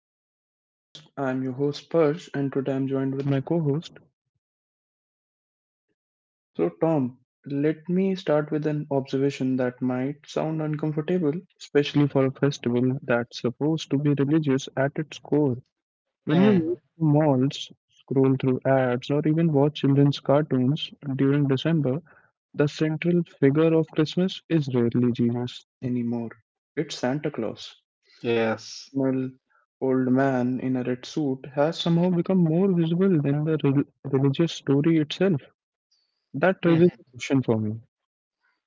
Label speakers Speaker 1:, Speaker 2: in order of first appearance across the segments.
Speaker 1: back to my podcast. I'm your host Persh, and today I'm joined with my co host.
Speaker 2: Top.
Speaker 1: So, Tom, let me start with an observation that might sound uncomfortable, especially for a festival that's supposed to be religious at its core. When you walk
Speaker 2: Mm.
Speaker 1: through malls, scroll through ads, or even watch children's cartoons during December, the central figure of Christmas is rarely Jesus anymore. It's Santa Claus.
Speaker 2: Yes.
Speaker 1: Well, old man in a red suit has somehow become more visible than the religious story itself. That raises a question for me.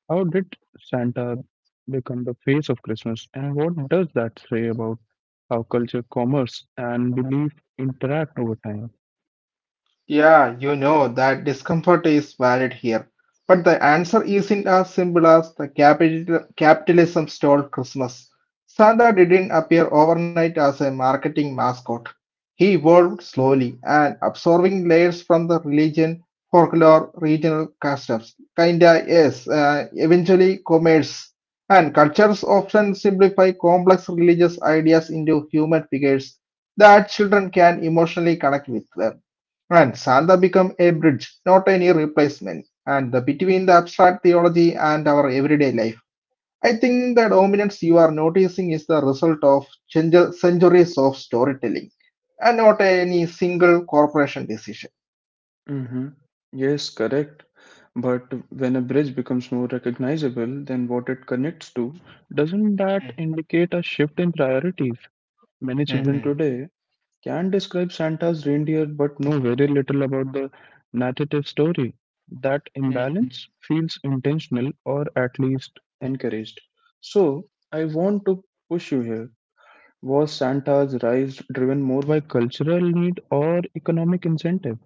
Speaker 1: How did Santa become the face of Christmas, and what does that say about how culture, commerce, and belief interact over time?
Speaker 2: Yeah, you know that discomfort is valid here. But the answer isn't as simple as capitalism stole Christmas. Santa didn't appear overnight as a marketing mascot. He evolved slowly and absorbing layers from the religion, folklore, regional customs. Kinda, yes, eventually commerce. And cultures often simplify complex religious ideas into human figures that children can emotionally connect with. And Santa become a bridge, not any replacement, and the between the abstract theology and our everyday life. I think the dominance you are noticing is the result of centuries of storytelling, and not any single corporation decision.
Speaker 1: Mm-hmm. Yes, correct. But when a bridge becomes more recognizable than what it connects to, doesn't that indicate a shift in priorities? Many
Speaker 2: Mm,
Speaker 1: children
Speaker 2: mhm,
Speaker 1: today can describe Santa's reindeer but know very little about the narrative story. That
Speaker 2: mm.
Speaker 1: imbalance feels intentional or at least encouraged. So, I want to push you here. Was Santa's rise driven more by cultural need or economic incentive?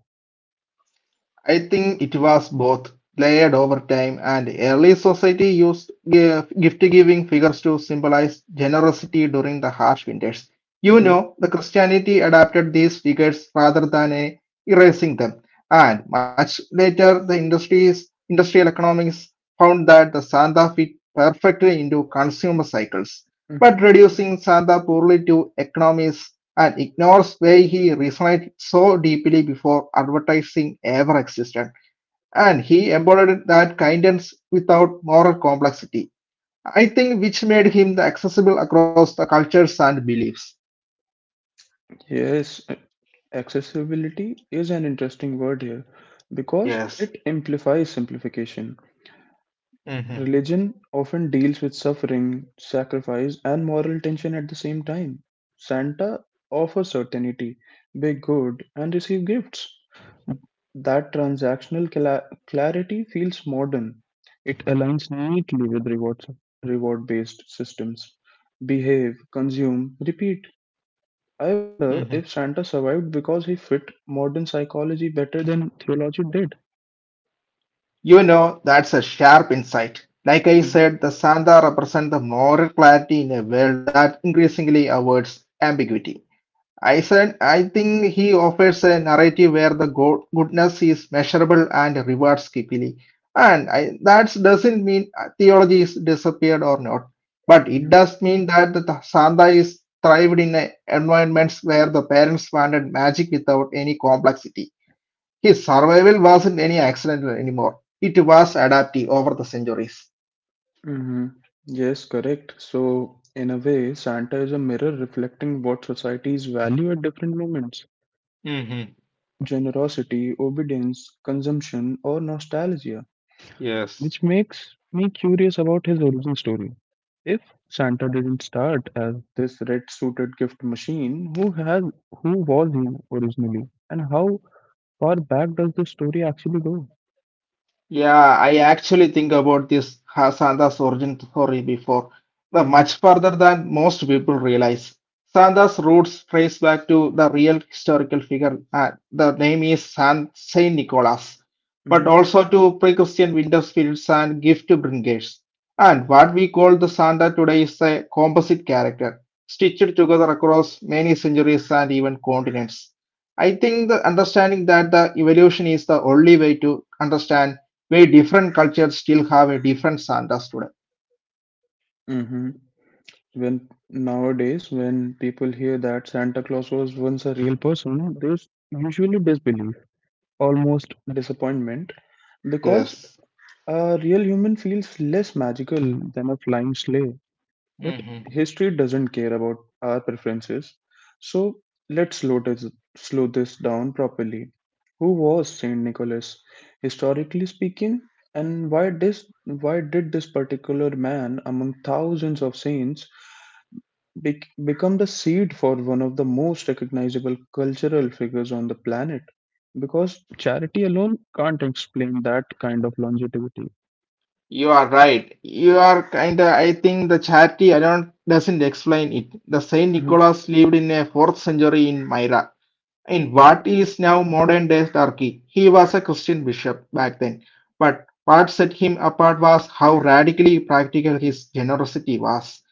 Speaker 2: I think it was both layered over time, and early society used gift giving figures to symbolize generosity during the harsh winters. You
Speaker 1: Mhm,
Speaker 2: know, the Christianity adapted these figures rather than erasing them, and much later the industrial economics found that the Santa fit perfectly into consumer cycles.
Speaker 1: mhm.
Speaker 2: But reducing Santa poorly to economies and ignores why he resonated so deeply before advertising ever existed. And he embodied that kindness without moral complexity, I think, which made him accessible across the cultures and beliefs.
Speaker 1: Yes, accessibility is an interesting word here because
Speaker 2: Yes.
Speaker 1: it implies simplification.
Speaker 2: Mm-hmm.
Speaker 1: Religion often deals with suffering, sacrifice, and moral tension at the same time. Santa offers certainty, be good, and receive gifts. That transactional clarity feels modern. It aligns neatly with rewards, reward-based systems. Behave, consume, repeat. I
Speaker 2: Mm-hmm.
Speaker 1: wonder if Santa survived because he fit modern psychology better than theology did.
Speaker 2: You know, that's a sharp insight. Like I said, the Santa represent the moral clarity in a world that increasingly avoids ambiguity. I said, I think he offers a narrative where the goodness is measurable and rewards quickly. And I, that doesn't mean theology is disappeared or not, but it does mean that the Santa is thrived in a environments where the parents wanted magic without any complexity. His survival wasn't any accident anymore. It was adaptive over the centuries.
Speaker 1: Hmm. Yes, correct. So, in a way, Santa is a mirror reflecting what societies value at different moments:
Speaker 2: Hmm.
Speaker 1: generosity, obedience, consumption, or nostalgia,
Speaker 2: Yes.
Speaker 1: which makes me curious about his origin story. If Santa didn't start as this red-suited gift machine, who was he originally, and how far back does the story actually go?
Speaker 2: Yeah, I actually think about this Santa's origin story before, but
Speaker 1: Mm-hmm.
Speaker 2: much further than most people realize. Santa's roots trace back to the real historical figure, and the name is San Saint Nicholas, but also to pre-Christian winter spirits and gift bringers. And what we call the Santa today is a composite character, stitched together across many centuries and even continents. I think the understanding that the evolution is the only way to understand we different cultures still have a different Santa today.
Speaker 1: Mm-hmm. When nowadays when people hear that Santa Claus was once a real person, there's usually disbelief, almost disappointment, because
Speaker 2: Yes.
Speaker 1: a real human feels less magical than a flying sleigh. But
Speaker 2: Mm-hmm.
Speaker 1: history doesn't care about our preferences, so let's slow this, slow this down properly. Who was Saint Nicholas, historically speaking, and why did this particular man among thousands of saints become the seed for one of the most recognizable cultural figures on the planet, because charity alone can't explain that kind of longevity.
Speaker 2: You are right. You are kind of, I think the charity I don't doesn't explain it. The Saint
Speaker 1: Mhm,
Speaker 2: Nicholas lived in a fourth century in Myra. In what is now modern-day Turkey, he was a Christian bishop back then, but what set him apart was how radically practical his generosity was.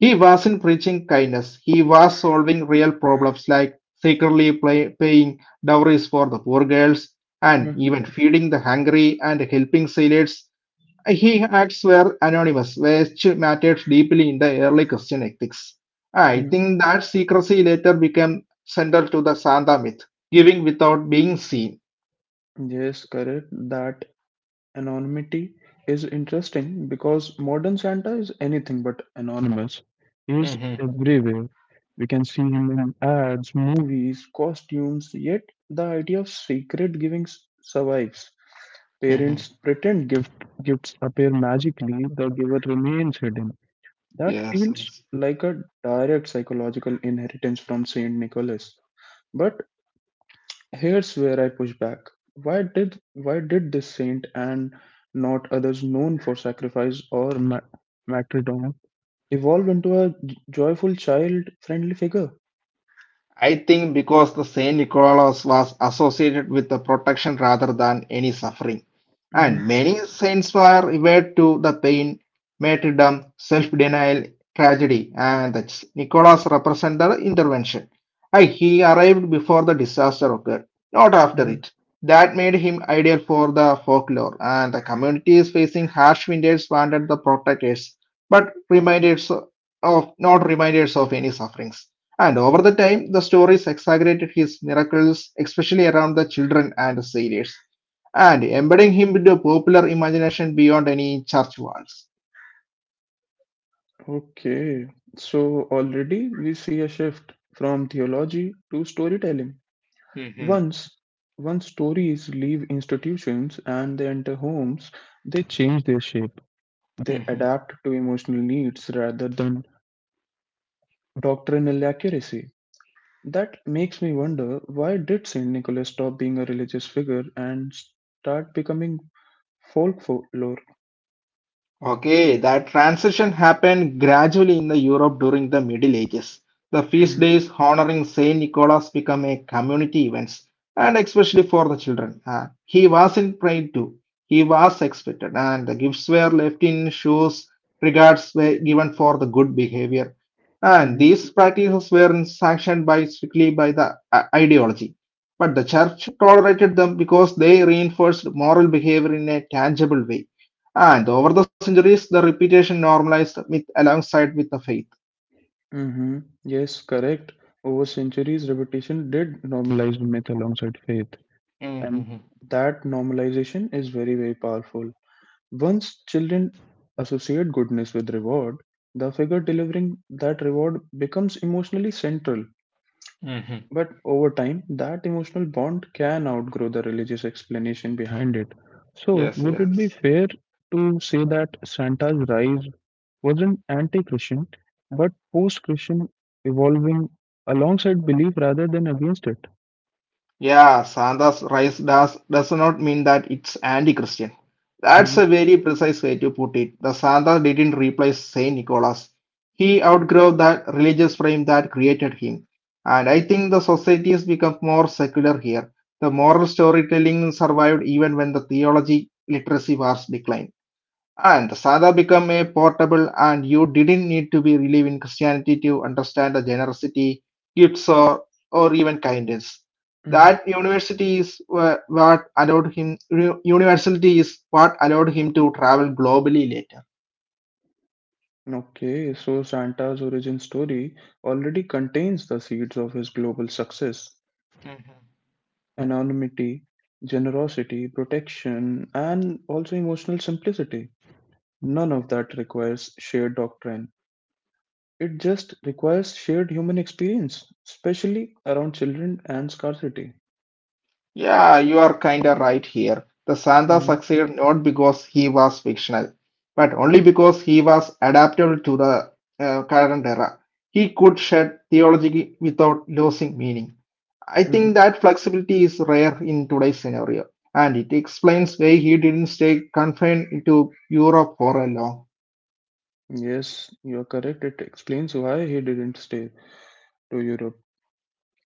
Speaker 2: He wasn't preaching kindness, he was solving real problems like paying dowries for the poor girls and
Speaker 1: mhm,
Speaker 2: even feeding the hungry and helping sailors. He acts were anonymous, which mattered deeply in the early Christian ethics. I
Speaker 1: mhm.
Speaker 2: think that secrecy later became central to the Santa myth, giving without being seen.
Speaker 1: Yes, correct. That anonymity is interesting because modern Santa is anything but anonymous. He is
Speaker 2: Mm-hmm.
Speaker 1: everywhere. We can see him in ads, movies, costumes, yet the idea of secret giving survives.
Speaker 2: Mm-hmm.
Speaker 1: Parents pretend gift, Gifts appear magically, the giver remains hidden. That
Speaker 2: Yes,
Speaker 1: feels
Speaker 2: yes.
Speaker 1: like a direct psychological inheritance from Saint Nicholas. But here's where I push back. Why did this saint and not others known for sacrifice or martyrdom evolve into a joyful, child-friendly figure?
Speaker 2: I think because the Saint Nicholas was associated with the protection rather than any suffering,
Speaker 1: Hmm.
Speaker 2: and many saints were revered to the pain, martyrdom, self-denial, tragedy, and that Nicholas represented the intervention. And he arrived before the disaster occurred, not after
Speaker 1: Hmm.
Speaker 2: it. That made him ideal for the folklore, and the communities facing harsh winters wanted the protectors, but reminders of not reminders of any sufferings. And over the time, the stories exaggerated his miracles, especially around the children and sailors, and embedding him into popular imagination beyond any church walls.
Speaker 1: Okay, so already we see a shift from theology to storytelling.
Speaker 2: Mhm.
Speaker 1: Once, Once stories leave institutions and they enter homes, they change their shape. They
Speaker 2: Mhm.
Speaker 1: adapt to emotional needs rather than doctrinal accuracy. That makes me wonder, why did Saint Nicholas stop being a religious figure and start becoming folklore?
Speaker 2: Okay, that transition happened gradually in the Europe during the Middle Ages. The feast
Speaker 1: Hmm.
Speaker 2: days honoring Saint Nicholas became a community events, and especially for the children. He wasn't prayed to; he was expected, and the gifts were left in shoes. Regards were given for the good behavior, and
Speaker 1: Hmm.
Speaker 2: these practices were sanctioned by strictly by the ideology. But the church tolerated them because they reinforced moral behavior in a tangible way. And over the centuries, the repetition normalized myth alongside with the faith.
Speaker 1: Hmm. Yes, correct. Over centuries, reputation did normalize myth alongside faith, and
Speaker 2: Mm-hmm.
Speaker 1: that normalization is very, very powerful. Once children associate goodness with reward, the figure delivering that reward becomes emotionally central.
Speaker 2: Mm-hmm.
Speaker 1: But over time, that emotional bond can outgrow the religious explanation behind it. So,
Speaker 2: Yes,
Speaker 1: would it be
Speaker 2: yes.
Speaker 1: fair to say that Santa's rise wasn't anti Christian, but post Christian, evolving alongside belief rather than against it?
Speaker 2: Yeah, Santa's does not mean that it's anti-Christian. That's
Speaker 1: Hmm.
Speaker 2: a very precise way to put it. The Santa didn't replace Saint Nicholas. He outgrew that religious frame that created him. And I think the society has become more secular here. The moral storytelling survived even when the theology literacy was declined. And Sada became a portable, and you didn't need to be relieved in Christianity to understand the generosity, gifts, or even kindness.
Speaker 1: Hmm.
Speaker 2: That university is wha- What allowed him. University is what allowed him to travel globally later.
Speaker 1: Okay, so Santa's origin story already contains the seeds of his global success:
Speaker 2: Mhm.
Speaker 1: anonymity, generosity, protection, and also emotional simplicity. None of that requires shared doctrine. It just requires shared human experience, especially around children and scarcity.
Speaker 2: Yeah, you are kinda right here. The Santa
Speaker 1: Hmm.
Speaker 2: succeeded not because he was fictional, but only because he was adaptable to the current era. He could shed theology without losing meaning. I think
Speaker 1: Hmm.
Speaker 2: that flexibility is rare in today's scenario, and it explains why he didn't stay confined to Europe for a long.
Speaker 1: Yes, you're correct. It explains why he didn't stay to Europe.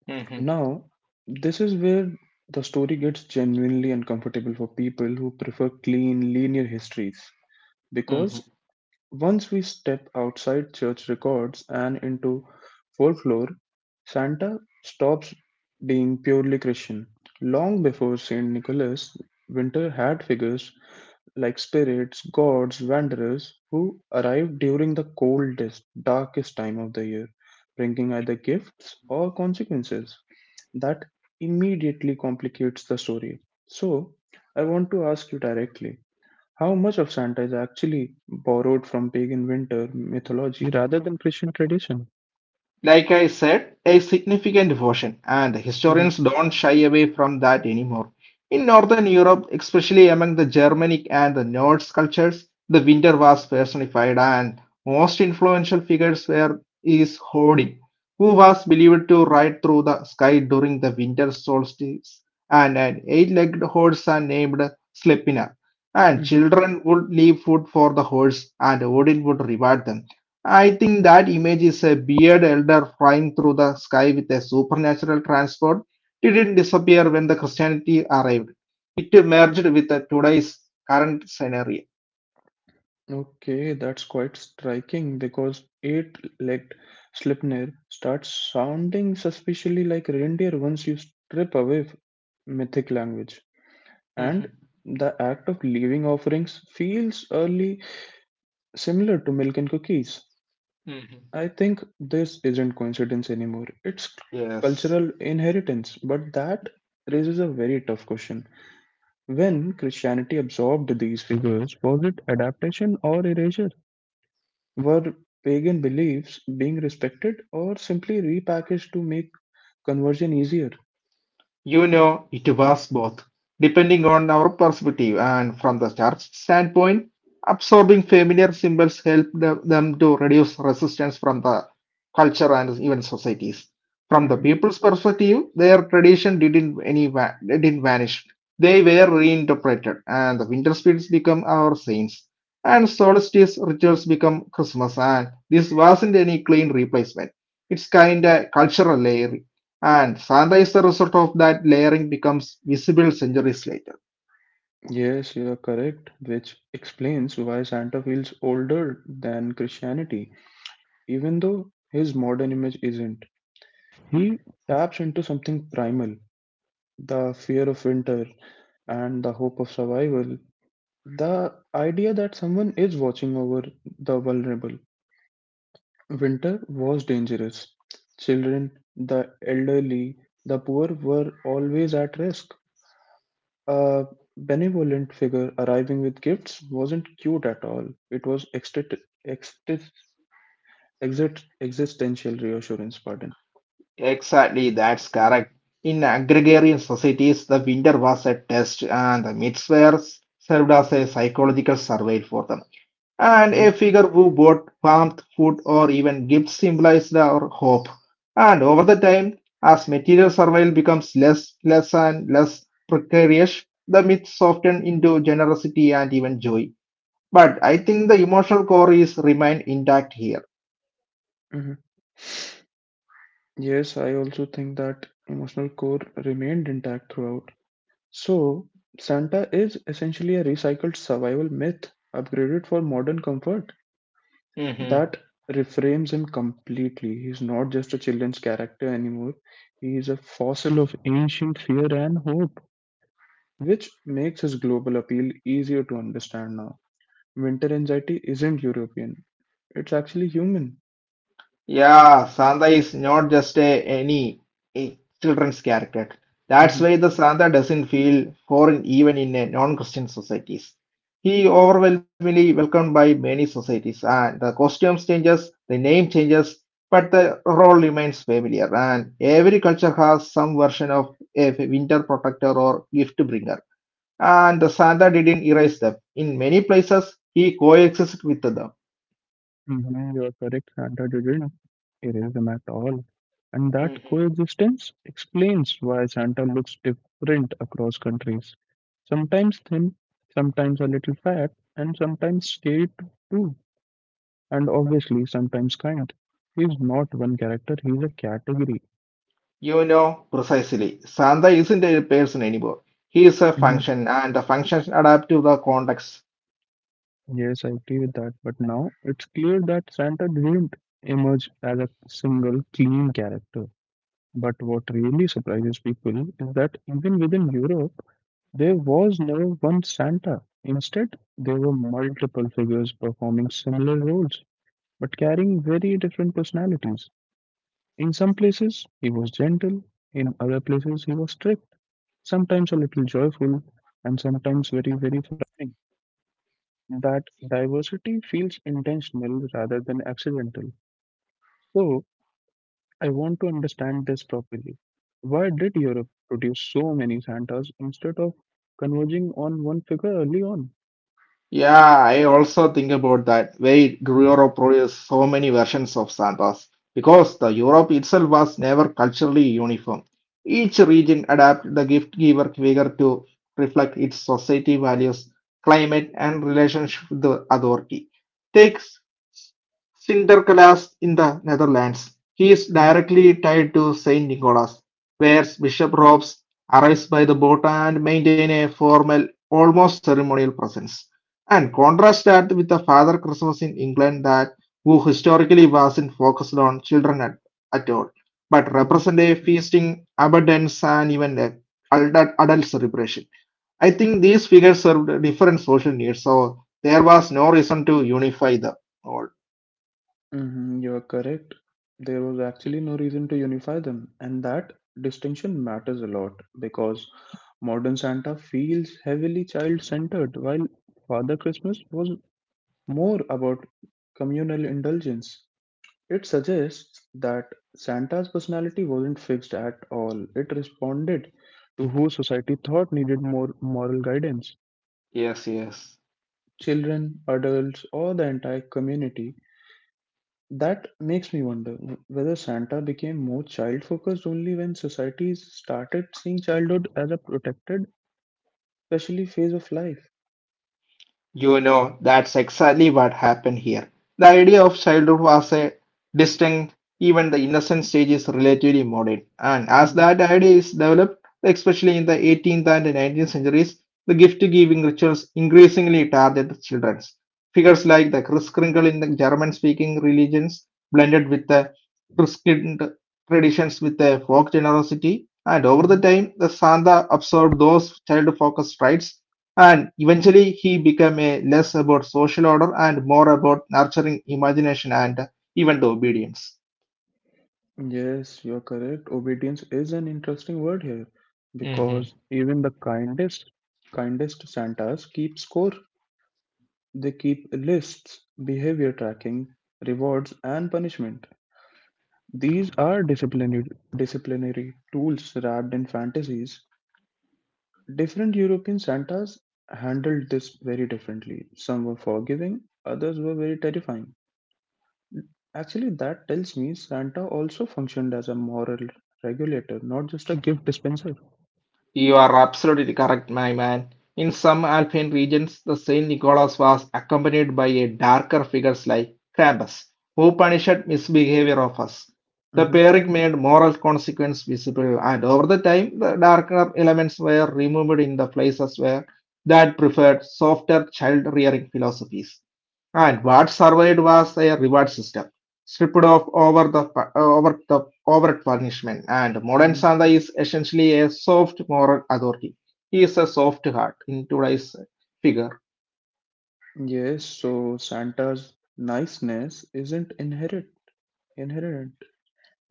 Speaker 2: Mhm.
Speaker 1: Now, this is where the story gets genuinely uncomfortable for people who prefer clean, linear histories, because
Speaker 2: Mhm.
Speaker 1: once we step outside church records and into folklore, Santa stops being purely Christian. Long before St. Nicholas, winter had figures like spirits, gods, wanderers who arrived during the coldest, darkest time of the year, bringing either gifts or consequences. That immediately complicates the story. So, I want to ask you directly, how much of Santa is actually borrowed from pagan winter mythology rather than Christian tradition?
Speaker 2: Like I said, a significant portion, and historians
Speaker 1: Hmm.
Speaker 2: don't shy away from that anymore. In Northern Europe, especially among the Germanic and the Norse cultures, the winter was personified, and most influential figures were is Odin, who was believed to ride through the sky during the winter solstice, and an eight-legged horse are named Sleipnir. And
Speaker 1: Hmm.
Speaker 2: children would leave food for the horse, and Odin would reward them. I think that image is a bearded elder flying through the sky with a supernatural transport. It didn't disappear when the Christianity arrived. It merged with the today's current scenario.
Speaker 1: Okay, that's quite striking because eight legged Sleipnir starts sounding suspiciously like reindeer once you strip away mythic language. And
Speaker 2: Mhm,
Speaker 1: the act of leaving offerings feels early similar to milk and cookies.
Speaker 2: mhm.
Speaker 1: I think this isn't coincidence anymore. It's
Speaker 2: Yes.
Speaker 1: cultural inheritance, but that raises a very tough question. When Christianity absorbed these figures, was it adaptation or erasure? Were pagan beliefs being respected or simply repackaged to make conversion easier?
Speaker 2: You know, it was both. Depending on our perspective and from the church standpoint, absorbing familiar symbols helped them to reduce resistance from the culture and even societies. From the
Speaker 1: Mhm.
Speaker 2: people's perspective, their tradition didn't any va- didn't vanish. They were reinterpreted, and the winter spirits become our saints, and solstice rituals become Christmas. And this wasn't any clean replacement. It's kinda cultural layer and sometimes the result of that layering becomes visible centuries later.
Speaker 1: Yes, you are correct, which explains why Santa feels older than Christianity, even though his modern image isn't. He taps into something primal: the fear of winter and the hope of survival, the idea that someone is watching over the vulnerable. Winter was dangerous. Children, the elderly, the poor were always at risk. A benevolent figure arriving with gifts wasn't cute at all. It was exist- existential reassurance, pardon.
Speaker 2: Exactly, that's correct. In agrarian societies, the winter was a test, and the myths were served as a psychological survey for them. And a
Speaker 1: Mhm,
Speaker 2: figure who brought warmth, food, or even gifts symbolized our hope. And over the time, as material survival becomes less and less precarious, the myth softened into generosity and even joy. But I think the emotional core is remain intact here.
Speaker 1: mhm. Yes, I also think that emotional core remained intact throughout. So, Santa is essentially a recycled survival myth, upgraded for modern comfort.
Speaker 2: Hmm.
Speaker 1: That reframes him completely. He's not just a children's character anymore, he is a fossil of ancient fear and hope, which makes his global appeal easier to understand now. Winter anxiety isn't European, it's actually human.
Speaker 2: Yeah, Santa is not just a children's character. That's
Speaker 1: Mm-hmm.
Speaker 2: why the Santa doesn't feel foreign even in a non-Christian societies. He overwhelmingly welcomed by many societies, and the costumes changes, the name changes, but the role remains familiar. And every culture has some version of a winter protector or gift bringer. And Santa didn't erase them. In many places, he coexisted with them.
Speaker 1: Mhm, you are correct, Santa didn't erase them at all. And that
Speaker 2: Mhm.
Speaker 1: coexistence explains why Santa looks different across countries. Sometimes thin, sometimes a little fat, and sometimes straight too. And obviously, sometimes kind. He's not one character, he's a category.
Speaker 2: You know precisely. Santa isn't a person anymore. He is a
Speaker 1: Mhm.
Speaker 2: function, and the functions adapt to the context.
Speaker 1: Yes, I agree with that. But now it's clear that Santa didn't emerge as a single clean character. But what really surprises people is that even within Europe, there was no one Santa. Instead, there were multiple figures performing similar roles but carrying very different personalities. In some places, he was gentle, in other places, he was strict, sometimes a little joyful, and sometimes very, very frightening. That diversity feels intentional rather than accidental. So, I want to understand this properly. Why did Europe produce so many Santas instead of converging on one figure early on?
Speaker 2: Yeah, I also think about that. Why
Speaker 1: Mhm,
Speaker 2: Europe produced so many versions of Santas? Because the Europe itself was never culturally uniform. Each region adapted the gift giver figure to reflect its society values, climate, and relationship with the authority. Takes Sinterklaas in the Netherlands. He is
Speaker 1: mhm,
Speaker 2: directly tied to Saint Nicholas, wears bishop robes, arrives by the boat, and maintains a formal, almost ceremonial presence. And contrast that with the Father Christmas in England that who historically wasn't focused on at all, but
Speaker 1: mhm.
Speaker 2: represent a feasting, abundance, and even adult celebration. I think these figures served different social needs, so there was no reason to unify them all.
Speaker 1: Mhm, you are correct. There was actually no reason to unify them, and that distinction matters a lot because modern Santa feels heavily child centered, while Father Christmas was more about communal indulgence. It suggests that Santa's personality wasn't fixed at all, it responded to who society thought needed more moral guidance:
Speaker 2: Yes, yes.
Speaker 1: children, adults, or the entire community. That makes me wonder whether Santa became more child focused only when societies started seeing childhood as a protected, especially phase of life.
Speaker 2: You know, that's exactly what happened here. The idea of childhood was a distinct, even the innocent stage is relatively modern. And as
Speaker 1: Mhm,
Speaker 2: that idea is developed, especially in the 18th and 19th centuries, the gift-giving rituals increasingly targeted the children. Figures like the Kris Kringle in the German-speaking religions blended with the Christian traditions with a folk generosity, and over the
Speaker 1: mhm.
Speaker 2: time, the Santa absorbed those child-focused rites and eventually he became a less about social order and more about nurturing imagination and even the obedience.
Speaker 1: Yes, you're correct. Obedience is an interesting word here because even the kindest Santas keep score. They keep lists, behavior tracking, rewards, and punishment. These are disciplinary tools wrapped in fantasies. Different European Santas handled this very differently. Some were forgiving, others were very terrifying. Actually, that tells me Santa also functioned as a moral regulator, not just a gift dispenser.
Speaker 2: You are absolutely correct, my man. In some Alpine regions, the Saint Nicholas was accompanied by a darker figures like Krampus, who punished misbehavior of us. The
Speaker 1: Hmm.
Speaker 2: pairing made moral consequence visible, and over the time, the darker elements were removed in the places where that preferred softer child rearing philosophies. And what survived was a reward system stripped of over the overt punishment. And modern
Speaker 1: Hmm.
Speaker 2: Santa is essentially a soft moral authority. He is a soft heart in today's figure.
Speaker 1: Yes, so Santa's niceness isn't inherent. Inherent.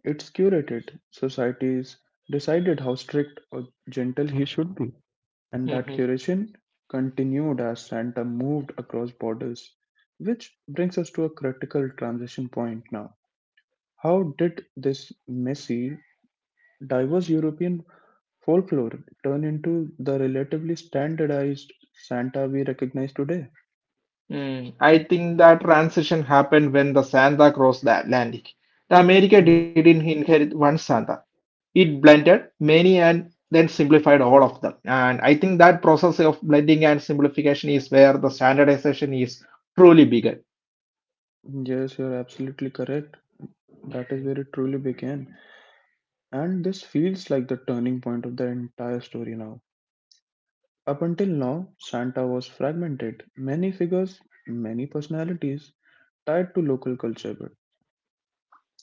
Speaker 1: It's curated. Societies decided how strict or gentle he should be. And that
Speaker 2: Mhm.
Speaker 1: curation continued as Santa moved across borders. Which brings us to a critical transition point now. How did this messy, diverse European folklore turn into the relatively standardized Santa we recognize today?
Speaker 2: Mm. I think that transition happened when the Santa crossed the Atlantic. The America
Speaker 1: Mhm.
Speaker 2: didn't inherit one Santa. It blended many and then simplified all of them, and I think that process of blending and simplification is where the standardization is truly begun.
Speaker 1: Yes, you're absolutely correct. That is where
Speaker 2: Mhm.
Speaker 1: it truly began. And this feels like the turning point of the entire story now. Up until now, Santa was fragmented. Many figures, many personalities, tied to local culture.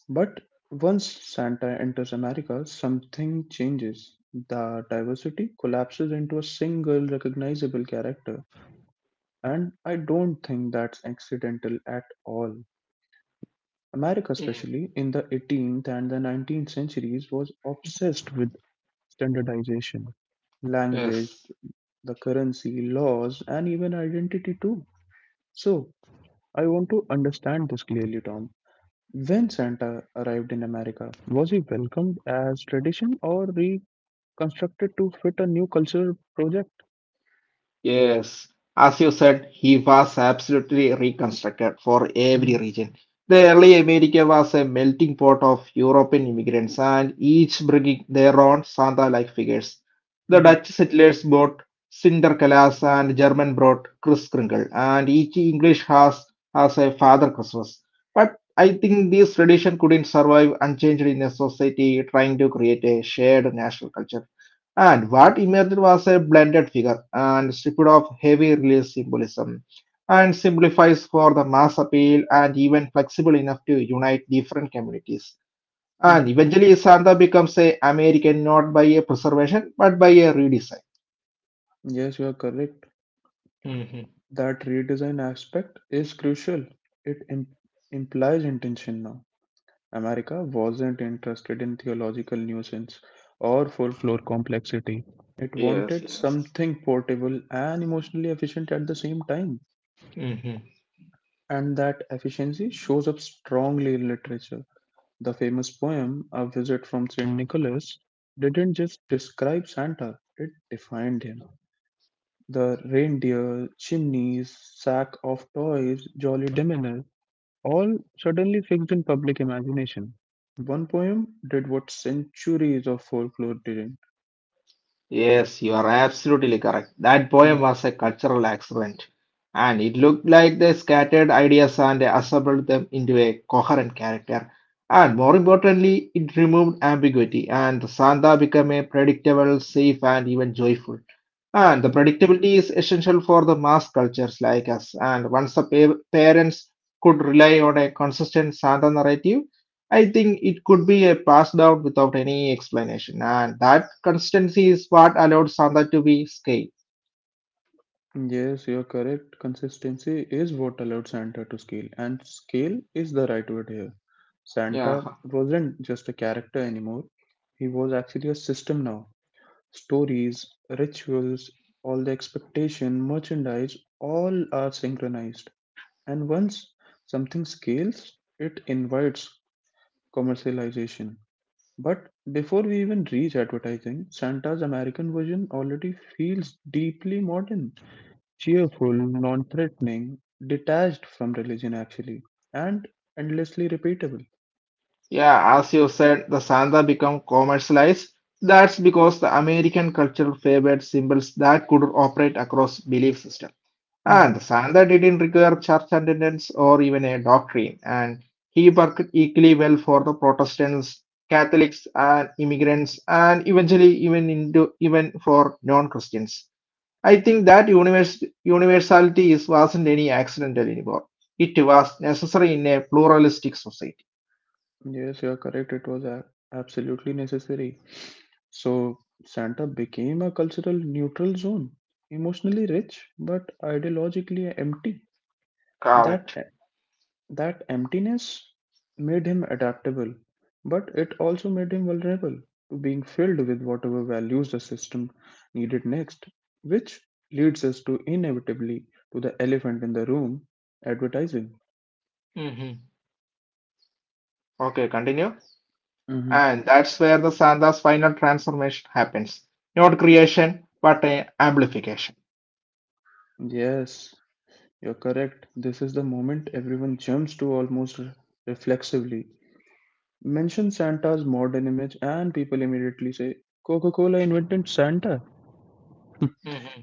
Speaker 1: But once Santa enters America, something changes. The diversity collapses into a single recognizable character, and I don't think that's accidental at all. America,
Speaker 2: Mm.
Speaker 1: especially in the 18th and the 19th centuries, was obsessed with standardization, language,
Speaker 2: Yes.
Speaker 1: the currency, laws, and even identity too. So, I want to understand this clearly, Tom. When Santa arrived in America, was he welcomed as tradition or reconstructed to fit a new cultural project?
Speaker 2: Yes, as you said, he was absolutely reconstructed for every
Speaker 1: Mhm,
Speaker 2: region. The early America was a melting pot of European immigrants, and each bringing their own Santa-like figures. The
Speaker 1: mhm,
Speaker 2: Dutch settlers brought Cindercalas, and German brought Kris Kringle, and each English has a Father Christmas. But I think this tradition couldn't survive unchanged in a society trying to create a shared national culture. And what emerged was a blended figure and stripped of heavy religious symbolism and simplifies for the mass appeal and even flexible enough to unite different communities.
Speaker 1: mhm.
Speaker 2: And eventually Santa becomes a American not by a preservation but by a redesign.
Speaker 1: Yes, you are correct.
Speaker 2: Mhm.
Speaker 1: That redesign aspect is crucial. It implies intention now. America wasn't interested in theological nuisance or full floor complexity. It
Speaker 2: Yes,
Speaker 1: wanted
Speaker 2: yes.
Speaker 1: something portable and emotionally efficient at the same time.
Speaker 2: Mhm.
Speaker 1: And that efficiency shows up strongly in literature. The famous poem, A Visit from St. Nicholas, didn't just describe Santa, it defined him. The reindeer, chimneys, sack of toys, jolly demeanor, all suddenly fixed in public imagination. One poem did what centuries of folklore didn't.
Speaker 2: Yes, you are absolutely correct. That
Speaker 1: Mhm.
Speaker 2: poem was a cultural accident, and it looked like they scattered ideas and assembled them into a coherent character. And more importantly, it removed ambiguity, and Santa became a predictable, safe, and even joyful. And the
Speaker 1: Mhm.
Speaker 2: predictability is essential for the mass cultures like us. And once the parents could rely on a consistent Santa narrative, I think it could be a passed down without any explanation. And that consistency is what allowed Santa to be scaled.
Speaker 1: Yes, you're correct. Consistency is what allowed Santa to scale, and scale is the right word here.
Speaker 2: Yeah,
Speaker 1: Santa wasn't just a character anymore, he was actually a system now. Stories, rituals, all the expectation, merchandise, all are synchronized. And once something scales, it invites commercialization. But before we even reach advertising, Santa's American version already feels deeply modern, cheerful, non threatening, detached from religion actually, and endlessly repeatable.
Speaker 2: yeah, as you said, the Santa become commercialized. That's because the American culture favored symbols that could operate across belief systems. And Sandha didn't require church attendance or even a doctrine, and he worked equally well for the Protestants, Catholics, and immigrants, and eventually even for non-Christians. I think that universality wasn't any accidental anymore. It was necessary in a pluralistic society.
Speaker 1: Yes, you're correct. It was absolutely necessary. So, Santa became a cultural neutral zone, emotionally rich but ideologically empty. That
Speaker 2: Correct.
Speaker 1: that emptiness made him adaptable, but it also made him vulnerable to being filled with whatever values the system needed next, which leads us to inevitably to the elephant in the room, advertising.
Speaker 2: hmm Okay, continue.
Speaker 1: Hmm
Speaker 2: And that's where the Sandha's final transformation happens. Not creation, but a amplification.
Speaker 1: Yes, you're correct. This is the moment everyone jumps to almost reflexively. Mention Santa's modern image, and people immediately say, Coca Cola invented Santa.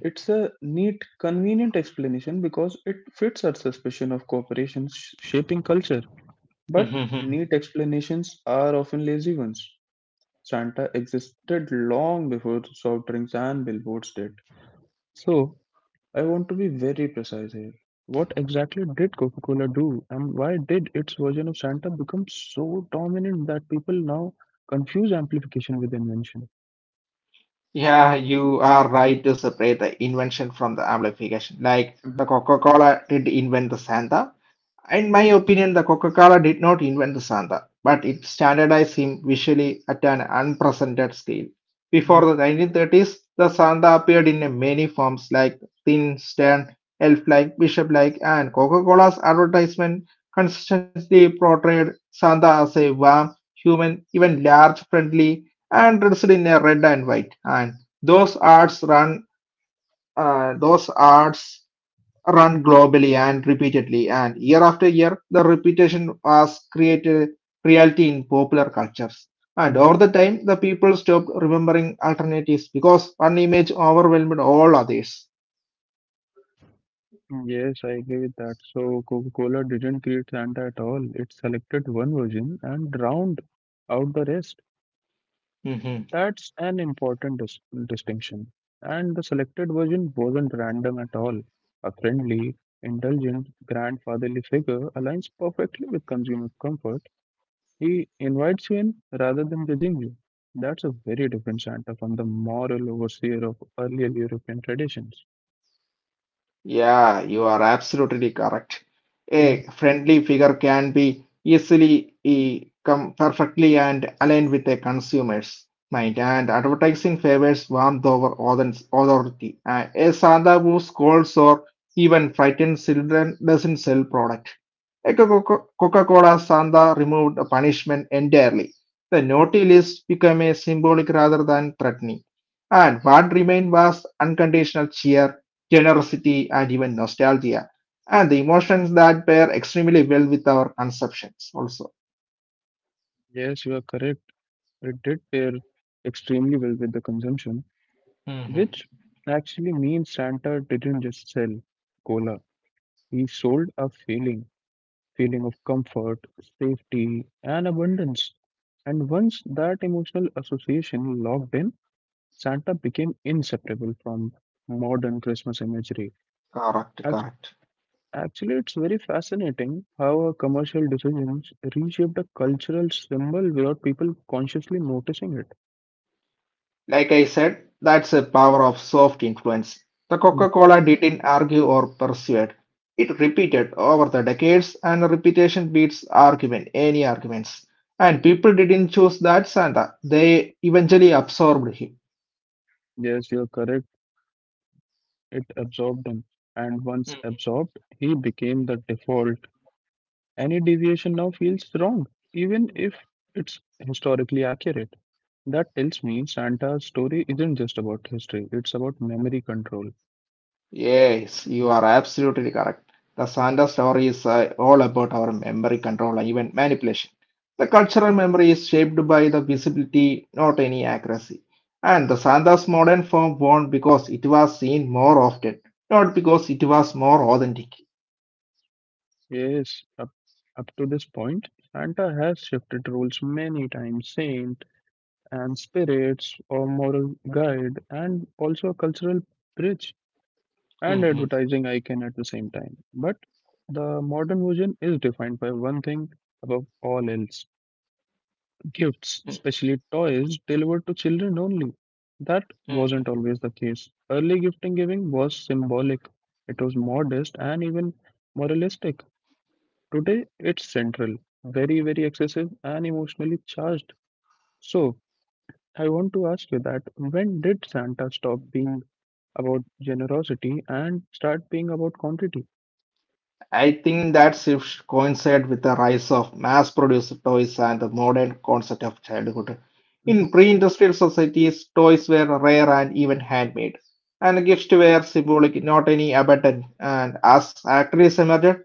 Speaker 1: It's a neat, convenient explanation because it fits our suspicion of corporations shaping culture. But
Speaker 2: Mhm.
Speaker 1: neat explanations are often lazy ones. Santa existed long before soft drinks and billboards did. So, I want to be very precise here. What exactly did Coca Cola do, and why did its version of Santa become so dominant that people now confuse amplification with invention?
Speaker 2: Yeah, you are right to separate the invention from the amplification. Like
Speaker 1: Mhm,
Speaker 2: the Coca-Cola did invent the Santa, in my opinion, the Coca Cola did not invent the Santa, but it standardized him visually at an unprecedented scale.
Speaker 1: mhm,
Speaker 2: Before the 1930s, the Santa appeared in many forms like thin, stern, elf like, bishop like, and Coca Cola's advertisement consistently portrayed Santa as a warm, human, even large, friendly, and dressed in a red and white. And those ads run, those ads run globally and repeatedly, and year after year, the repetition was created reality in popular cultures. And
Speaker 1: mhm.
Speaker 2: over the time, the people stopped remembering alternatives because one image overwhelmed all others.
Speaker 1: Yes, I agree with that. So Coca-Cola didn't create Santa at all. It selected one version and drowned out the rest. That's an important distinction. And the selected version wasn't random at all. A friendly, indulgent, grandfatherly figure aligns perfectly with consumer comfort. He invites you in rather than judging you. That's a very different Santa from the moral overseer of earlier European traditions.
Speaker 2: Yeah, you are absolutely correct.
Speaker 1: Mhm.
Speaker 2: A friendly figure can be easily come perfectly and aligned with a consumer's mind, and advertising favors warmth over authority. A Santa who scolds or even frightens children doesn't sell product. A Coca-Cola Santa removed the punishment entirely. The naughty list became a symbolic rather than threatening, and what remained was unconditional cheer, generosity, and even nostalgia, and the emotions that pair extremely well with our conceptions also.
Speaker 1: Yes, you are correct. It did pair extremely well with the consumption,
Speaker 2: Mhm.
Speaker 1: which actually means Santa didn't just sell cola, he sold a feeling. Feeling of comfort, safety, and abundance. And once that emotional association locked in, Santa became inseparable from modern Christmas imagery.
Speaker 2: Correct,
Speaker 1: Ac-
Speaker 2: correct.
Speaker 1: Actually, it's very fascinating how our commercial decisions reshaped a cultural symbol without people consciously noticing it.
Speaker 2: Like I said, that's the power of soft influence. The Coca Cola didn't argue or persuade. It repeated over the decades, and repetition beats argument, any arguments. And people didn't choose that Santa, they eventually absorbed him.
Speaker 1: Yes, you're correct. It absorbed him. And once absorbed, he became the default. Any deviation now feels wrong, even if it's historically accurate. That tells me Santa's story isn't just about history, it's about memory control.
Speaker 2: Yes, you are absolutely correct. The Santa story is all about our memory control and even manipulation. The cultural memory is shaped by the visibility, not any accuracy. And the Santa's modern form won because it was seen more often, not because it was more authentic.
Speaker 1: Yes, up to this point, Santa has shifted roles many times: saint and spirits, or moral guide, and also a cultural bridge and
Speaker 2: Mhm.
Speaker 1: advertising icon at the same time. But the modern version is defined by one thing above all else: gifts,
Speaker 2: Mm,
Speaker 1: especially toys, delivered to children only. That wasn't
Speaker 2: mhm.
Speaker 1: always the case. Early gifting giving was symbolic, it was modest and even moralistic. Today, it's central, very, very excessive and emotionally charged. So, I want to ask you, that when did Santa stop being about generosity and start being about quantity?
Speaker 2: I think that shift coincided with the rise of mass-produced toys and the modern concept of childhood. In pre-industrial societies, toys were rare and even handmade, and gifts were symbolic, not any abundant. And as factories emerged,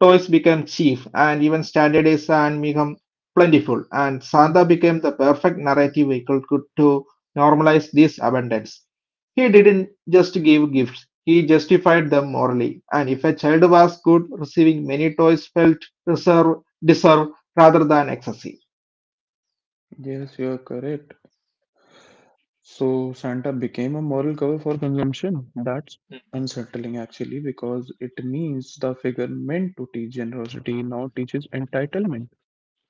Speaker 2: toys became cheap, and even standardized and become plentiful. And Santa
Speaker 1: Mhm.
Speaker 2: became the perfect narrative vehicle to normalize this abundance. He didn't just give gifts, he justified them morally. And if a child was good, receiving many toys felt reserve, deserved rather than excessive.
Speaker 1: Yes, you are correct. So Santa became a moral cover for consumption. That's unsettling actually, because it means the figure meant to teach generosity now teaches entitlement.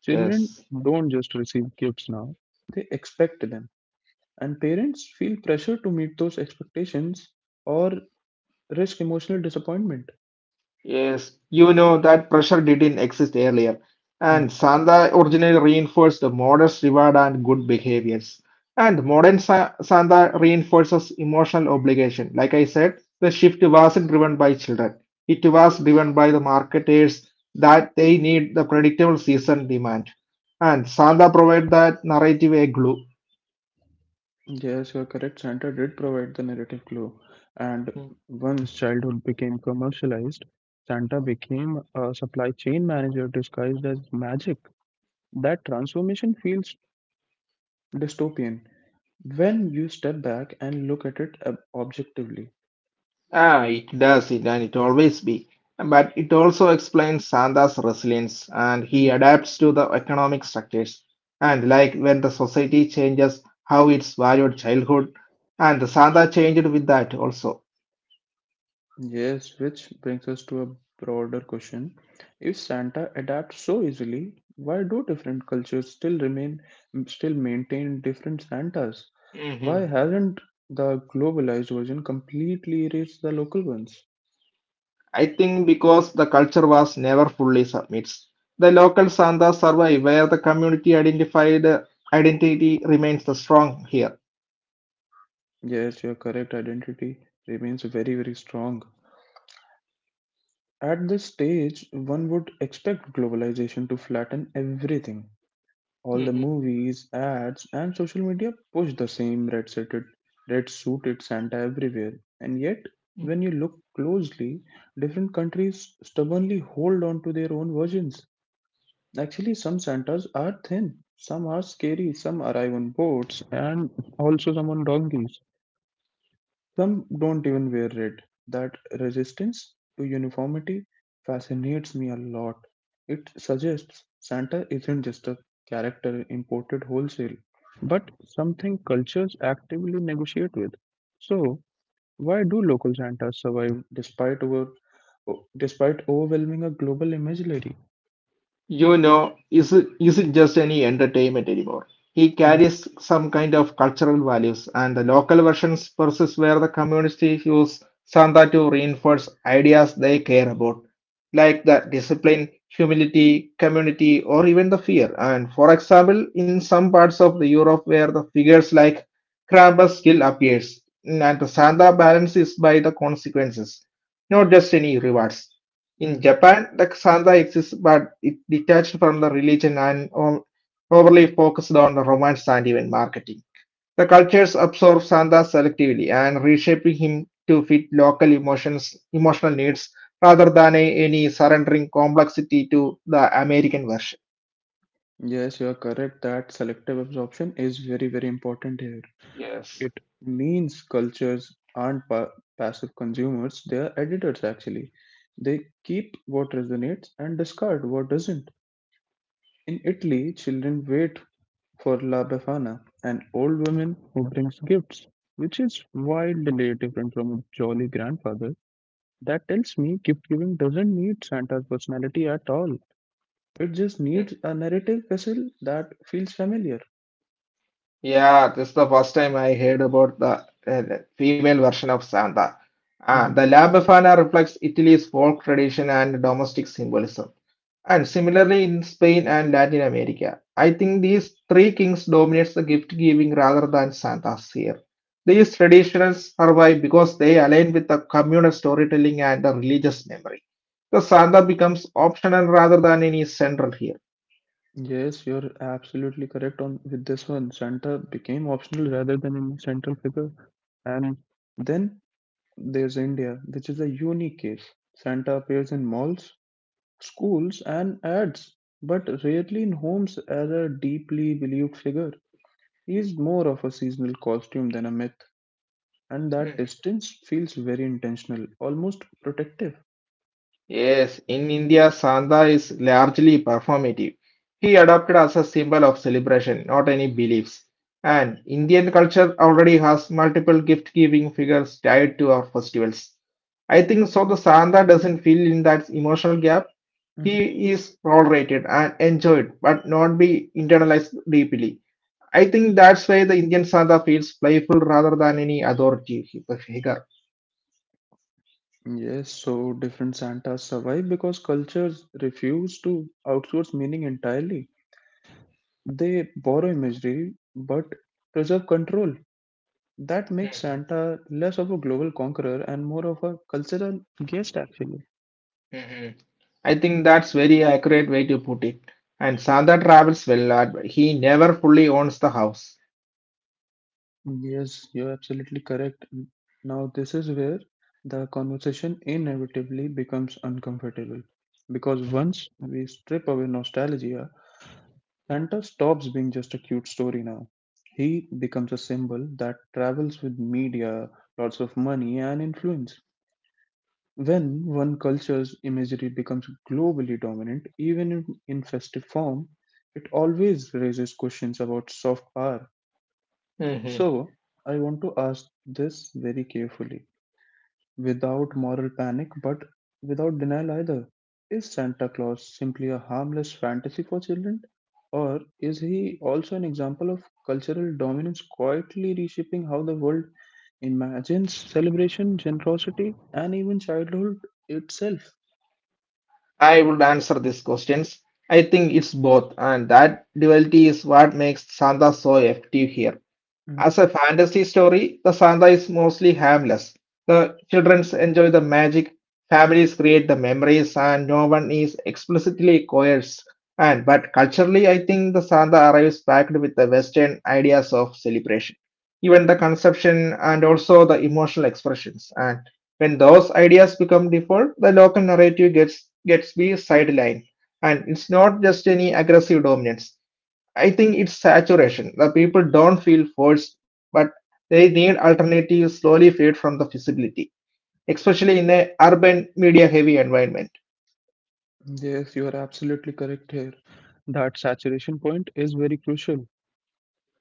Speaker 1: Children
Speaker 2: Yes.
Speaker 1: don't just receive gifts now, they expect them. And parents feel pressure to meet those expectations or risk emotional disappointment.
Speaker 2: Yes, you know that pressure didn't exist earlier,
Speaker 1: Mhm.
Speaker 2: and Sanda originally reinforced the modest reward and good behaviors. And modern Sanda reinforces emotional obligation. Like I said, the shift wasn't driven by children, it was driven by the marketers that they need the predictable season demand. And Sanda provided that narrative a glue.
Speaker 1: Yes, you're correct. Santa did provide the narrative clue, and once childhood became commercialized, Santa became a supply chain manager disguised as magic. That transformation feels dystopian when you step back and look at it objectively.
Speaker 2: Ah, it does it, and it always be. But it also explains Santa's resilience, and
Speaker 1: Mhm.
Speaker 2: he adapts to the economic structures. And like when the society changes, how it's valued childhood, and the Santa changed with that also.
Speaker 1: Yes, which brings us to a broader question. If Santa adapts so easily, why do different cultures still maintain different Santas?
Speaker 2: hmm
Speaker 1: Why hasn't the globalized version completely erased the local ones?
Speaker 2: I think because the culture was never fully submits. The local Santa survive where the community identified identity remains the strong here.
Speaker 1: Yes, your correct, identity remains very, very strong. At this stage, one would expect globalization to flatten everything. All the movies, ads, and social media push the same red suited Santa everywhere. And yet, when you look closely, different countries stubbornly hold on to their own versions. Actually, some Santas are thin, some are scary, some arrive on boats, and also some on donkeys. Some don't even wear red. That resistance to uniformity fascinates me a lot. It suggests Santa isn't just a character imported wholesale, but something cultures actively negotiate with. So, why do local Santas survive despite overwhelming a global imaginary?
Speaker 2: You know, is it isn't just any entertainment anymore. He
Speaker 1: Mhm.
Speaker 2: carries some kind of cultural values, and the local versions versus where the communities use Santa to reinforce ideas they care about, like the discipline, humility, community, or even the fear. And for example, in some parts of the Europe where the figures like Krampus still appears, and the Santa balance is by the consequences, not just any rewards. In
Speaker 1: Mhm.
Speaker 2: Japan, the Santa exists, but it detached from the religion and overly focused on the romance and even marketing. The cultures absorb Santa selectively and reshaping him to fit local emotional needs, rather than any surrendering complexity to the American version.
Speaker 1: Yes, you are correct, that selective absorption is very, very important here.
Speaker 2: Yes.
Speaker 1: It means cultures aren't passive consumers, they are editors actually. They keep what resonates and discard what doesn't. In Italy, children wait for La Befana, an old woman who brings gifts, which is wildly different from a jolly grandfather. That tells me gift giving doesn't need Santa's personality at all. It just needs a narrative vessel that feels familiar.
Speaker 2: Yeah, this is the first time I heard about the female version of Santa. Ah,
Speaker 1: Mm-hmm.
Speaker 2: the La Befana reflects Italy's folk tradition and domestic symbolism. And similarly in Spain and Latin America, I think these three kings dominates the gift giving rather than Santas here. These traditions survive because they align with the communal storytelling and the religious memory. The Santa becomes optional rather than any central here.
Speaker 1: Yes, you're absolutely correct on with this one. Santa became optional rather than a central figure. And then there's India, which is a unique case. Santa appears in malls, schools, and ads, but rarely in homes as a deeply believed figure. He is more of a seasonal costume than a myth, and that distance feels very intentional, almost protective.
Speaker 2: Yes, in India, Sanda is largely performative. He adopted as a symbol of celebration, not any beliefs. And Indian culture already has multiple gift-giving figures tied to our festivals. I think so. The Santa doesn't fill in that emotional gap.
Speaker 1: Mhm.
Speaker 2: He is tolerated and enjoyed, but not be internalized deeply. I think that's why the Indian Santa feels playful rather than any authority figure.
Speaker 1: Yes, so different Santas survive because cultures refuse to outsource meaning entirely. They borrow imagery but preserve control. That makes Santa less of a global conqueror and more of a cultural guest, actually.
Speaker 2: Mhm. I think that's very accurate way to put it. And Santa travels well, but he never fully owns the house.
Speaker 1: Yes, you're absolutely correct. Now, this is where the conversation inevitably becomes uncomfortable because once we strip away nostalgia, Santa stops being just a cute story now. He becomes a symbol that travels with media, lots of money, and influence. When one culture's imagery becomes globally dominant, even in festive form, it always raises questions about soft power.
Speaker 2: Mhm.
Speaker 1: So, I want to ask this very carefully, without moral panic, but without denial either. Is Santa Claus simply a harmless fantasy for children? Or is he also an example of cultural dominance quietly reshaping how the world imagines celebration, generosity, and even childhood itself?
Speaker 2: I would answer these questions. I think it's both, and that duality is what makes Santa so effective here. As a fantasy story, the Santa is mostly harmless. The children enjoy the magic, families create the memories, and no one is explicitly coerced. And but culturally, I think the Santa arrives packed with the Western ideas of celebration, even the conception and also the emotional expressions. And when those ideas become default, the local narrative gets be sidelined, and it's not just any aggressive dominance. I think it's saturation. The people don't feel forced, but they need alternatives slowly fade from the visibility, especially in an urban media heavy environment.
Speaker 1: Yes, you are absolutely correct here. That saturation point is very crucial.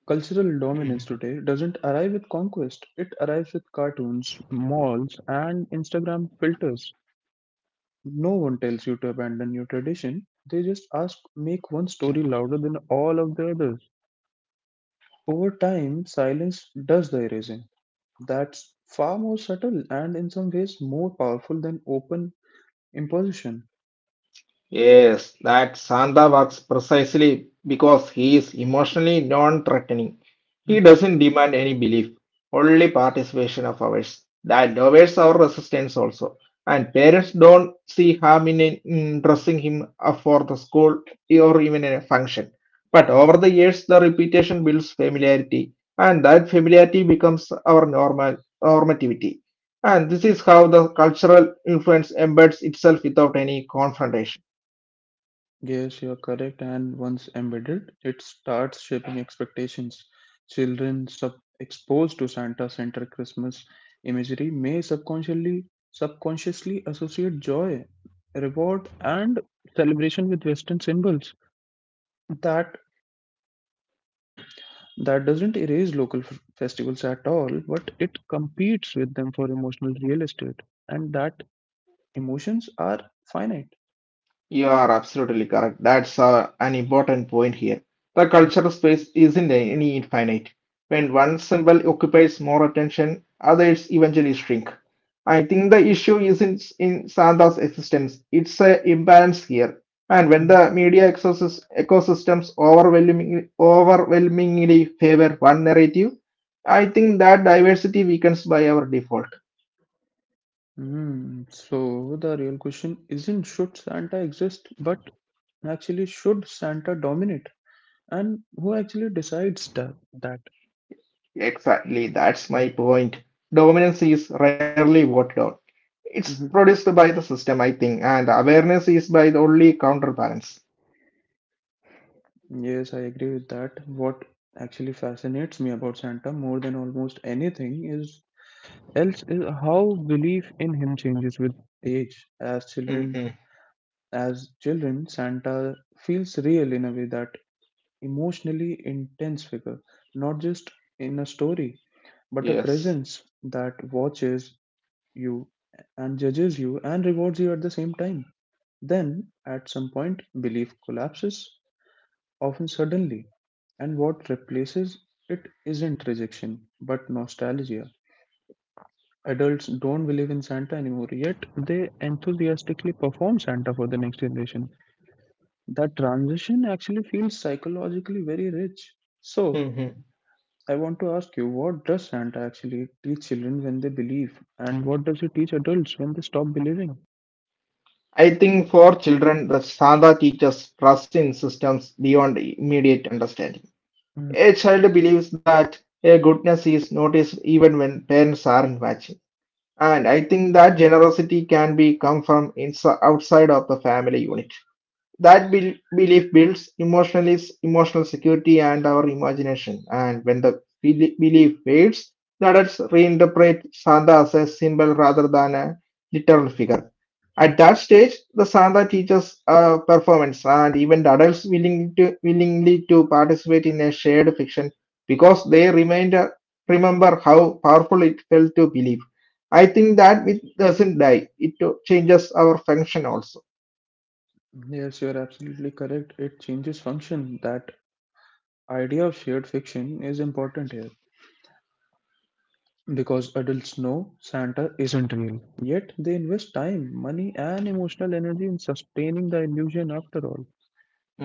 Speaker 1: Cultural dominance today doesn't arrive with conquest, it arrives with cartoons, malls, and Instagram filters. No one tells you to abandon your tradition, they just ask, make one story louder than all of the others. Over time, silence does the erasing. That's far more subtle and, in some ways, more powerful than open imposition.
Speaker 2: Yes, that Santa works precisely because he is emotionally non-threatening. He doesn't demand any belief, only participation of ours. That lowers our resistance also. And parents don't see harm in dressing him up for the school or even a function. But over the years, the repetition builds familiarity, and that familiarity becomes our normal normativity. And this is how the cultural influence embeds itself without any confrontation.
Speaker 1: Yes, you are correct. And once embedded, it starts shaping expectations. Children exposed to Santa-centered Christmas imagery may subconsciously associate joy, reward, and celebration with Western symbols. That that doesn't erase local festivals at all, but it competes with them for emotional real estate, and that emotions are finite.
Speaker 2: You are absolutely correct. That's an important point here. The cultural space isn't any infinite. When one symbol occupies more attention, others eventually shrink. I think the issue isn't in Santa's existence. It's an imbalance here. And when the media ecosystems overwhelmingly favor one narrative, I think that diversity weakens by our default.
Speaker 1: Hmm. So the real question isn't should Santa exist, but actually should Santa dominate? And who actually decides that?
Speaker 2: Exactly, that's my point. Dominance is rarely voted on. It's
Speaker 1: Hmm
Speaker 2: produced by the system, I think, and awareness is by the only counterbalance.
Speaker 1: Yes, I agree with that. What actually fascinates me about Santa more than almost anything is else is how belief in him changes with age. As children,
Speaker 2: hmm
Speaker 1: as children, Santa feels real in a way that emotionally intense figure, not just in a story, but a
Speaker 2: Yes.
Speaker 1: presence that watches you and judges you and rewards you at the same time. Then, at some point, belief collapses, often suddenly, and what replaces it isn't rejection, but nostalgia. Adults don't believe in Santa anymore, yet they enthusiastically perform Santa for the next generation. That transition actually feels psychologically very rich. So,
Speaker 2: hmm
Speaker 1: I want to ask you, what does Santa actually teach children when they believe, and what does it teach adults when they stop believing?
Speaker 2: I think for children, the Santa teaches trust in systems beyond immediate understanding.
Speaker 1: Mm,
Speaker 2: A child believes that a goodness is noticed even when parents aren't watching. And I think that generosity can be come from inside outside of the family unit. That belief builds emotional security and our imagination. And when the belief fades, the adults reinterpret Santa as a symbol rather than a literal figure.
Speaker 1: mm.
Speaker 2: At that stage, the Santa teaches performance, and even the adults willingly to participate in a shared fiction because they remember how powerful it felt to believe. I think that it doesn't die; it changes our function also.
Speaker 1: Yes, you're absolutely correct. It changes function. That idea of shared fiction is important here because adults know Santa isn't real. Yet they invest time, money, and emotional energy in sustaining the illusion after all.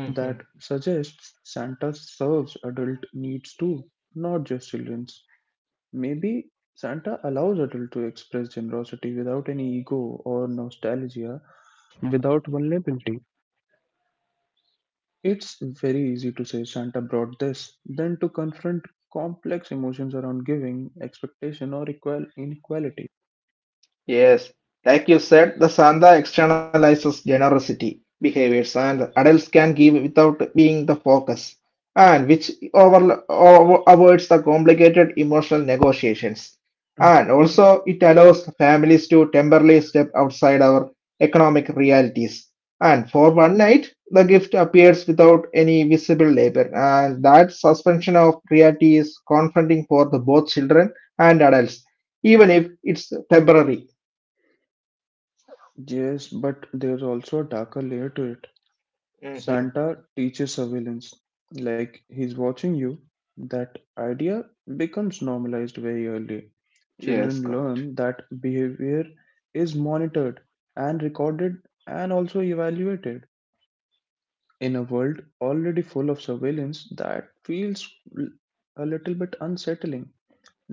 Speaker 1: That suggests Santa serves adult needs too, not just children's. Maybe Santa allows adults to express generosity without any ego or nostalgia, without vulnerability. It's very easy to say Santa brought this, than to confront complex emotions around giving, expectation, or equal inequality.
Speaker 2: Yes, like you said, the Santa externalizes generosity behaviors and adults can give without being the focus, and which avoids the complicated emotional negotiations. And also, it allows families to temporarily step outside our economic realities. And for one night, the gift appears without any visible labor, and that suspension of reality is confronting for the both children and adults even if it's temporary.
Speaker 1: Yes, but there's also a darker layer to it.
Speaker 2: hmm
Speaker 1: Santa teaches surveillance, like he's watching you. That idea becomes normalized very early.
Speaker 2: Yes,
Speaker 1: Children
Speaker 2: correct.
Speaker 1: learn that behavior is monitored and recorded and also evaluated. In a world already full of surveillance, that feels l- a little bit unsettling.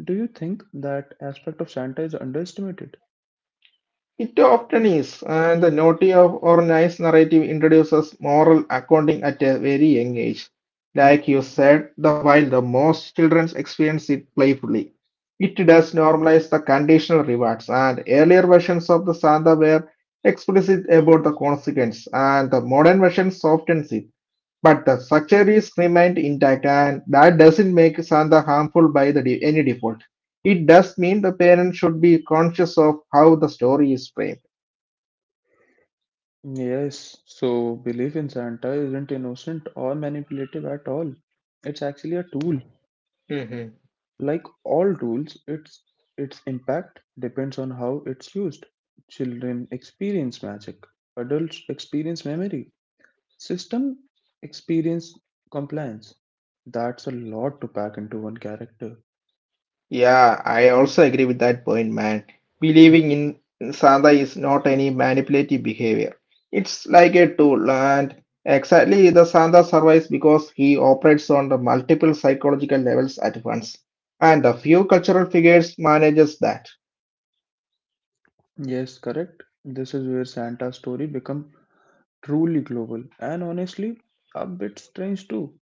Speaker 1: Do you think that aspect of Santa is underestimated?
Speaker 2: It often is, and the naughty of or nice narrative introduces moral accounting at a very young age. Like you said, the while the most children experience it playfully, it does normalize the conditional rewards, and earlier versions of the Santa were explicit about the consequence, and the modern versions soften it. But the structure is remained intact, and that doesn't make Santa harmful by any default. It does mean the parent should be conscious of how the story is framed.
Speaker 1: Mm. Yes, so belief in Santa isn't innocent or manipulative at all. It's actually a tool.
Speaker 2: Hmm.
Speaker 1: Like all rules, its impact depends on how it's used. Children experience magic, adults experience memory, system experience compliance. That's a lot to pack into one character.
Speaker 2: Yeah, I also agree with that point, man. Believing in Santa is not any manipulative behavior. It's like a tool, and exactly the Santa survives because he operates on the multiple psychological levels at once. And the few cultural figures manages that.
Speaker 1: Yes, correct. This is where Santa's story become truly global and honestly a bit strange too.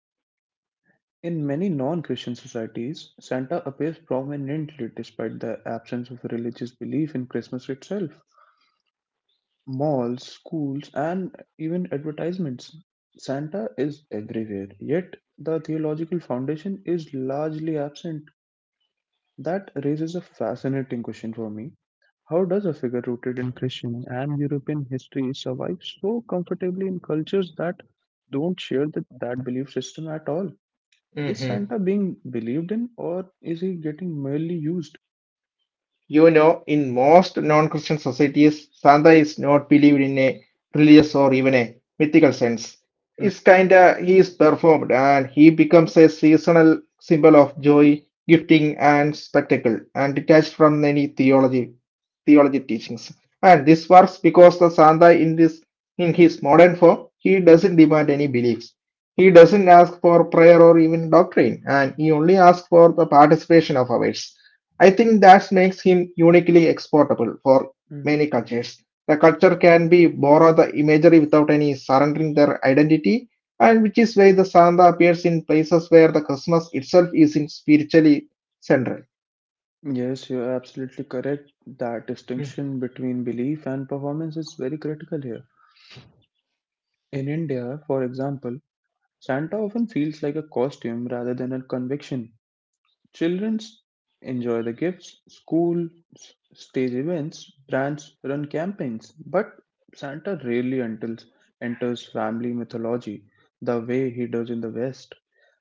Speaker 1: In many non-Christian societies, Santa appears prominently despite the absence of religious belief in Christmas itself. Malls, schools, and even advertisements. Santa is everywhere, yet the theological foundation is largely absent. That raises a fascinating question for me. How does a figure rooted in Christian and European history survive so comfortably in cultures that don't share that belief system at all? Is Santa being believed in or is he getting merely used?
Speaker 2: You know, in most non-Christian societies, Santa is not believed in a religious or even a mythical sense. It's kinda he is performed and he becomes a seasonal symbol of joy, gifting and spectacle, and detached from any theology teachings. And this works because the Santa in his modern form, he doesn't demand any beliefs. He doesn't ask for prayer or even doctrine, and he only asks for the participation of others. I think that makes him uniquely exportable for
Speaker 1: Mhm.
Speaker 2: many cultures. The culture can be borrow the imagery without any surrendering their identity, and which is why the Santa appears in places where the Christmas itself isn't spiritually central.
Speaker 1: Yes, you're absolutely correct. That
Speaker 2: Mm.
Speaker 1: distinction between belief and performance is very critical here. In India, for example, Santa often feels like a costume rather than a conviction. Children enjoy the gifts, schools stage events, brands run campaigns, but Santa rarely enters family mythology the way he does in the West.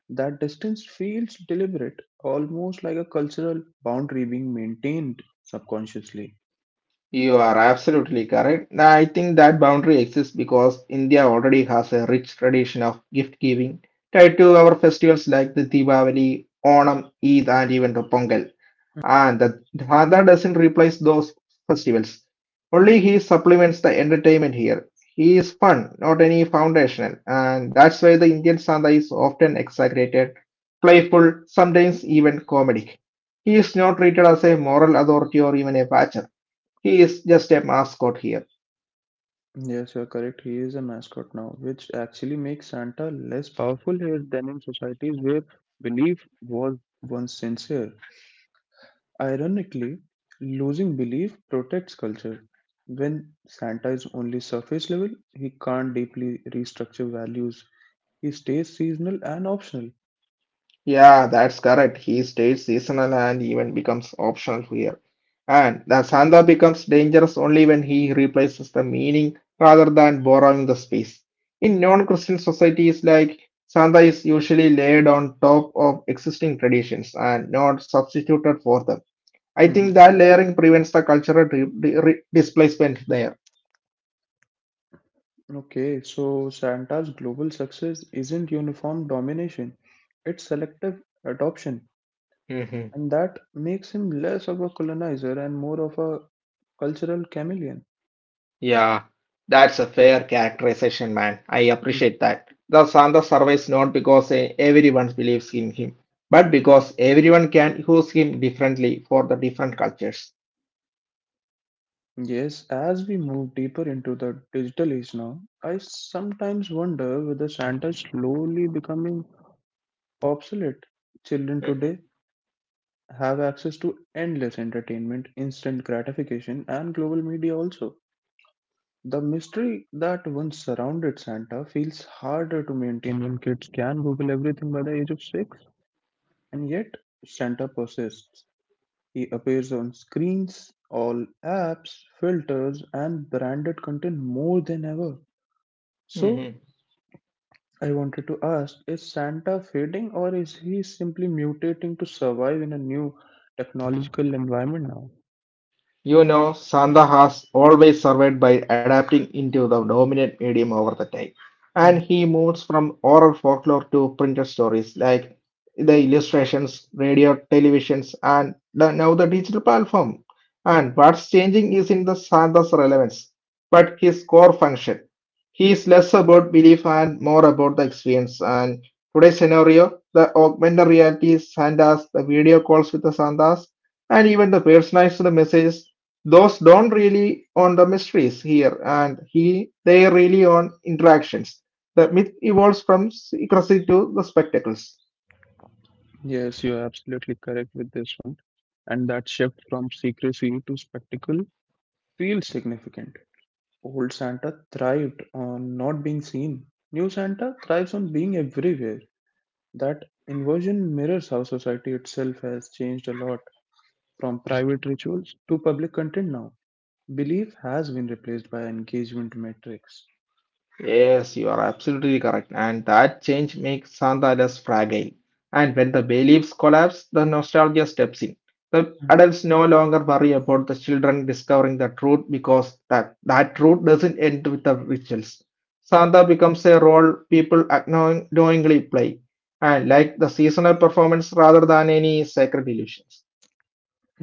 Speaker 1: That distance feels deliberate, almost like a cultural boundary being maintained subconsciously.
Speaker 2: You are absolutely correct. Now, I think that boundary exists because India already has a rich tradition of gift giving tied to our festivals like the Diwali, Onam, Eid, and even the Pongal. And the Dada doesn't replace those festivals. Only he supplements the entertainment here. He is fun, not any foundational, and that's why the Indian Sandha is often exaggerated, playful, sometimes even comedic. He is not treated as a moral authority or even a watcher. He is just a mascot here.
Speaker 1: Yes, you're correct. He is a mascot now, which actually makes Santa less powerful here than in societies where belief was once sincere. Ironically, losing belief protects culture. When Santa is only surface level, he can't deeply restructure values. He stays seasonal and optional.
Speaker 2: Yeah, that's correct. He stays seasonal and even becomes optional here. And the Santa becomes dangerous only when he replaces the meaning rather than borrowing the space. In non-Christian societies, like Santa is usually laid on top of existing traditions and not substituted for them. I
Speaker 1: Mhm.
Speaker 2: think that layering prevents the cultural displacement there.
Speaker 1: Okay, so Santa's global success isn't uniform domination, it's selective adoption, and that makes him less of a colonizer and more of a cultural chameleon.
Speaker 2: Yeah, that's a fair characterization, man. I
Speaker 1: Mhm.
Speaker 2: appreciate that. The Santa survives not because everyone believes in him, but because everyone can use him differently for the different cultures.
Speaker 1: Yes, as we move deeper into the digital age now, I sometimes wonder whether Santa is slowly becoming obsolete. Children today
Speaker 2: Mhm.
Speaker 1: have access to endless entertainment, instant gratification, and global media also. The mystery that once surrounded Santa feels harder to maintain when kids can Google everything by the age of six, and yet Santa persists. He appears on screens, all apps, filters, and branded content more than ever.
Speaker 2: Mhm.
Speaker 1: So, I wanted to ask, is Santa fading or is he simply mutating to survive in a new technological environment now?
Speaker 2: You know, Sanda has always survived by adapting into the dominant medium over the time. And
Speaker 1: Mhm.
Speaker 2: he moves from oral folklore to printed stories like the illustrations, radio, televisions, and now the digital platform. And what's changing is in the Sanda's relevance, but his core function. He is less about belief and more about the experience. And today's scenario, the augmented reality, Sandas, the video calls with the Sandas, and even the personalized messages those don't really on the mysteries here and he they really on interactions. The myth evolves from secrecy to the spectacles.
Speaker 1: Yes, you're absolutely correct with this one. And that shift from secrecy to spectacle feels significant. Old Santa thrived on not being seen, new Santa thrives on being everywhere. That inversion mirrors how society itself has changed a lot, from private rituals to public content now. Belief has been replaced by engagement metrics.
Speaker 2: Yes, you are absolutely correct. And that change makes Santa less fragile. And when the beliefs collapse, the nostalgia steps in. The adults no longer worry about the children discovering the truth because that truth doesn't end with the rituals. Santa becomes a role people knowingly play, and like the seasonal performance rather than any sacred illusions.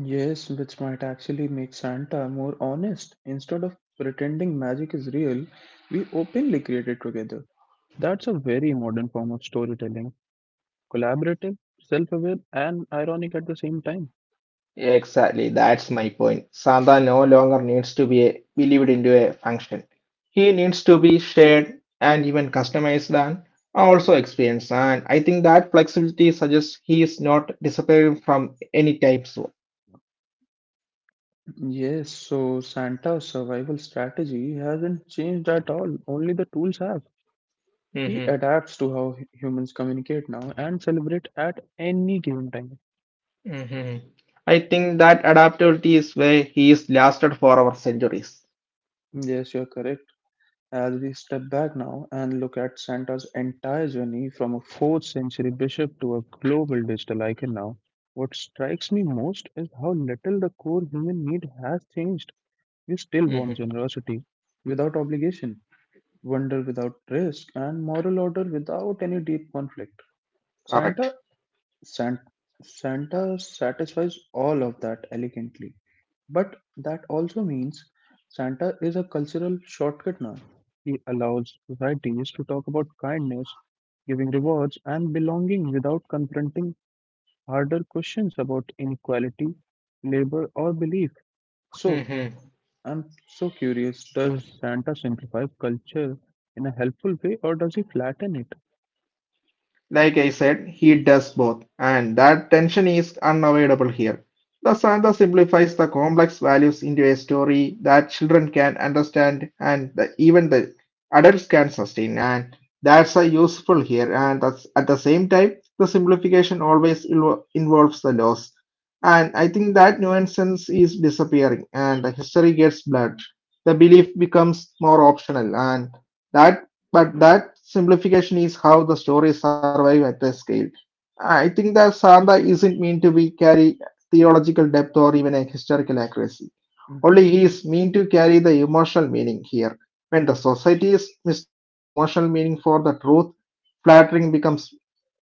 Speaker 1: Yes, which might actually make Santa more honest. Instead of pretending magic is real, we openly create it together. That's a very modern form of storytelling. Collaborative, self aware, and ironic at the same time.
Speaker 2: Exactly, that's my point. Santa no longer needs to be believed into a function. He needs to be shared and even customized and also experienced. And I think that flexibility suggests he is not disappearing from any type soon.
Speaker 1: Yes, so Santa's survival strategy hasn't changed at all, only the tools have. He
Speaker 2: Mm-hmm.
Speaker 1: adapts to how humans communicate now and celebrate at any given time.
Speaker 2: Mm-hmm. I think that adaptability is where he is lasted for our centuries.
Speaker 1: Yes, you're correct. As we step back now and look at Santa's entire journey from a 4th century bishop to a global digital icon now, what strikes me most is how little the core human need has changed. We still want
Speaker 2: Mm-hmm.
Speaker 1: generosity without obligation, wonder without risk, and moral order without any deep conflict. Santa,
Speaker 2: Correct.
Speaker 1: San, Santa satisfies all of that elegantly. But that also means Santa is a cultural shortcut now. He allows societies to talk about kindness, giving rewards, and belonging without confronting harder questions about inequality, labor, or belief. So,
Speaker 2: Mhm.
Speaker 1: I'm so curious, does Santa simplify culture in a helpful way or does he flatten it?
Speaker 2: Like I said, he does both, and that tension is unavoidable here. The Santa simplifies the complex values into a story that children can understand and even the adults can sustain, and that's a useful here. And that's, at the same time, the simplification always involves the loss, and I think that nuisance is disappearing, and the history gets blurred. The belief becomes more optional, and that but that simplification is how the stories survive at the scale. I think that Santa isn't meant to be carry theological depth or even a historical accuracy. Only he is meant to carry the emotional meaning here. When mistakes the emotional meaning for the truth, flattering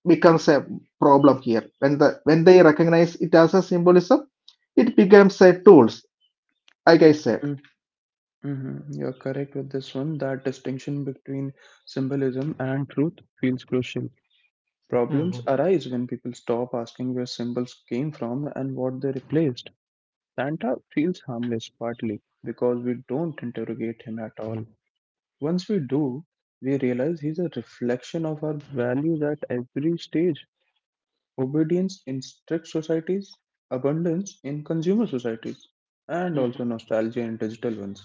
Speaker 2: becomes a problem here. When they recognize it as a symbolism, it becomes a tools, like I said.
Speaker 1: Mhm, mhm. You're correct with this one. That distinction between symbolism and truth feels crucial. Problems
Speaker 2: Mhm.
Speaker 1: arise when people stop asking where symbols came from and what they replaced. Santa feels harmless partly because we don't interrogate him at all. Once we do, we realize he's a reflection of our values at every stage: obedience in strict societies, abundance in consumer societies, and also nostalgia in digital ones.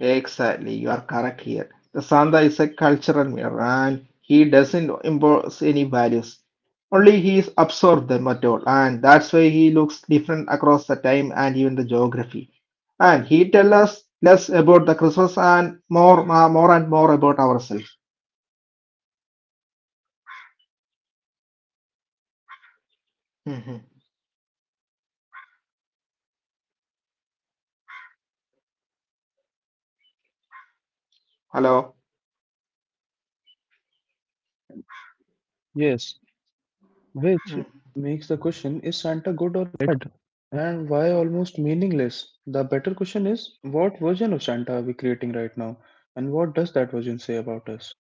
Speaker 2: Exactly, you are correct here. The Santa is a cultural mirror and he doesn't impose any values. Only he is absorbed them at all, and that's why he looks different across the time and even the geography. And he tells us less about the Christmas and more, more and more about ourselves. Mhm. Hello.
Speaker 1: Yes. Which
Speaker 2: Mhm.
Speaker 1: makes the question, is Santa good or bad? And why, almost meaningless? The better question is, what version of Santa are we creating right now? And what does that version say about us?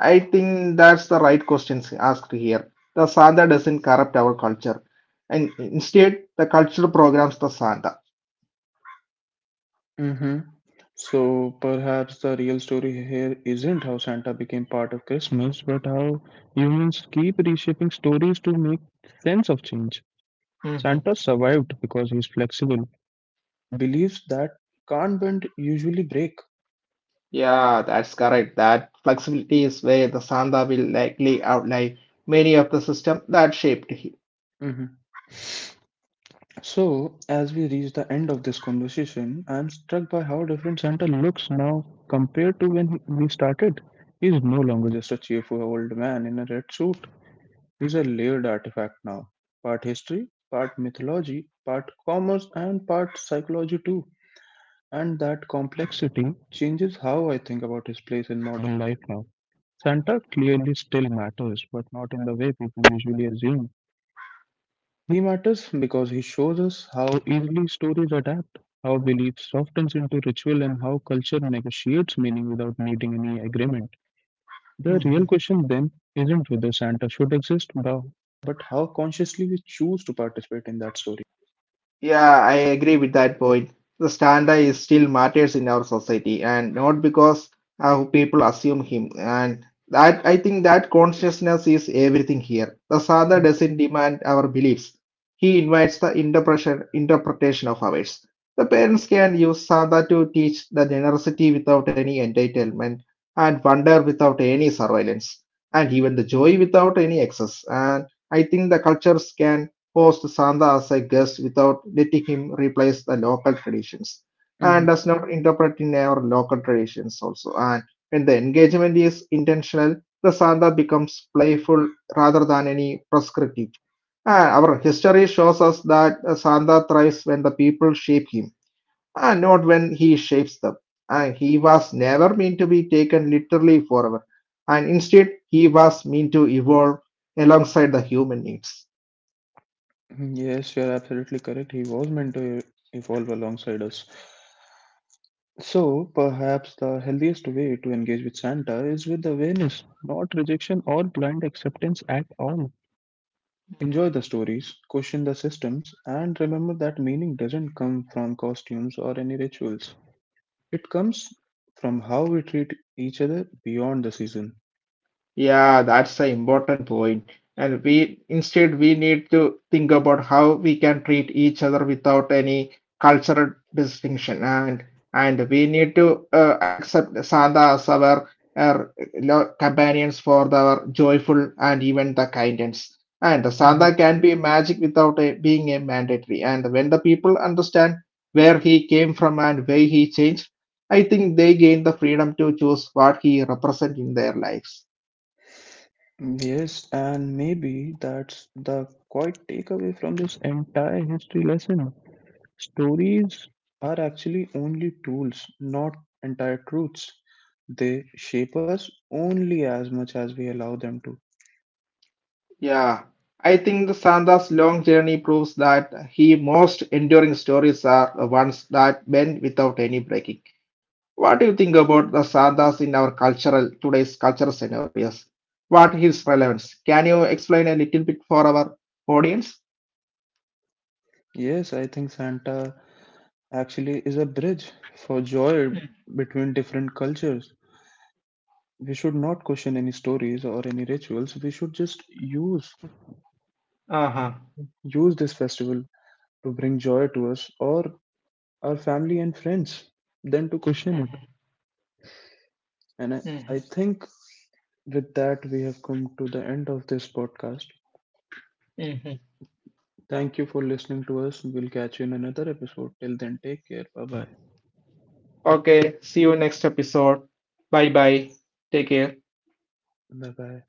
Speaker 2: I think that's the right questions asked here. The Santa doesn't corrupt our culture, and instead, the culture programs the Santa.
Speaker 1: Hmm. So perhaps the real story here isn't how Santa became part of Christmas, but how humans keep reshaping stories to make sense of change. Santa survived because he's flexible, believes that can't bend usually break.
Speaker 2: Yeah, that's correct. That flexibility is where the Sanda will likely outlie many of the systems that shaped him.
Speaker 1: Hmm. So, as we reach the end of this conversation, I'm struck by how different Santa looks now compared to when we started. He's no longer just a cheerful old man in a red suit. He's a layered artifact now. Part history, part mythology, part commerce, and part psychology too. And that complexity changes how I think about his place in modern life now. Santa clearly still matters, but not in the way people usually assume. He matters because he shows us how easily stories adapt, how belief softens into ritual, and how culture negotiates meaning without needing any agreement. The
Speaker 2: Mhm.
Speaker 1: real question then isn't whether Santa should exist, but how consciously we choose to participate in that story.
Speaker 2: Yeah, I agree with that point. The stanza is still matters in our society, and not because people assume him. And that I think that consciousness is everything here. The
Speaker 1: Mhm.
Speaker 2: sadha doesn't demand our beliefs; he invites the interpretation of ours. The parents can use sadha to teach the generosity without any entitlement, and wonder without any surveillance, and even the joy without any excess. And I think the cultures can hosts Santa as a guest without letting him replace the local traditions and does not interpret in our local traditions also. And when the engagement is intentional, the Santa becomes playful rather than any prescriptive. And our history shows us that Santa thrives when the people shape him and not when he shapes them. And he was never meant to be taken literally forever. And instead, he was meant to evolve alongside the human needs.
Speaker 1: Mhm. Yes, you're absolutely correct. He was meant to evolve alongside us. So, perhaps the healthiest way to engage with Santa is with awareness, not rejection or blind acceptance at all. Enjoy the stories, question the systems, and remember that meaning doesn't come from costumes or any rituals. It comes from how we treat each other beyond the season.
Speaker 2: Yeah, that's an important point. And we need to think about how we can treat each other without any cultural distinction. And we need to accept Santa as our companions for the joyful and even the kindness. And the
Speaker 1: Mhm.
Speaker 2: Santa can be magic without a, being a mandatory. And when the people understand where he came from and where he changed, I think they gain the freedom to choose what he represents in their lives.
Speaker 1: Yes, and maybe that's the quite takeaway from this entire history lesson. Stories are actually only tools, not entire truths. They shape us only as much as we allow them to.
Speaker 2: Yeah, I think the Santa's long journey proves that he most enduring stories are the ones that bend without any breaking. What do you think about the Santas in our cultural today's cultural scenarios? What is relevance? Can you explain a little bit for our audience?
Speaker 1: Yes, I think Santa actually is a bridge for joy between different cultures. We should not question any stories or any rituals. We should just use
Speaker 2: Uh-huh.
Speaker 1: use this festival to bring joy to us or our family and friends than to question it. And I,
Speaker 2: Hmm.
Speaker 1: I think with that we have come to the end of this podcast.
Speaker 2: Hmm.
Speaker 1: Thank you for listening to us. We'll catch you in another episode. Till then, take care. Bye bye.
Speaker 2: Okay, see you next episode. Bye bye. Take care.
Speaker 1: Bye bye.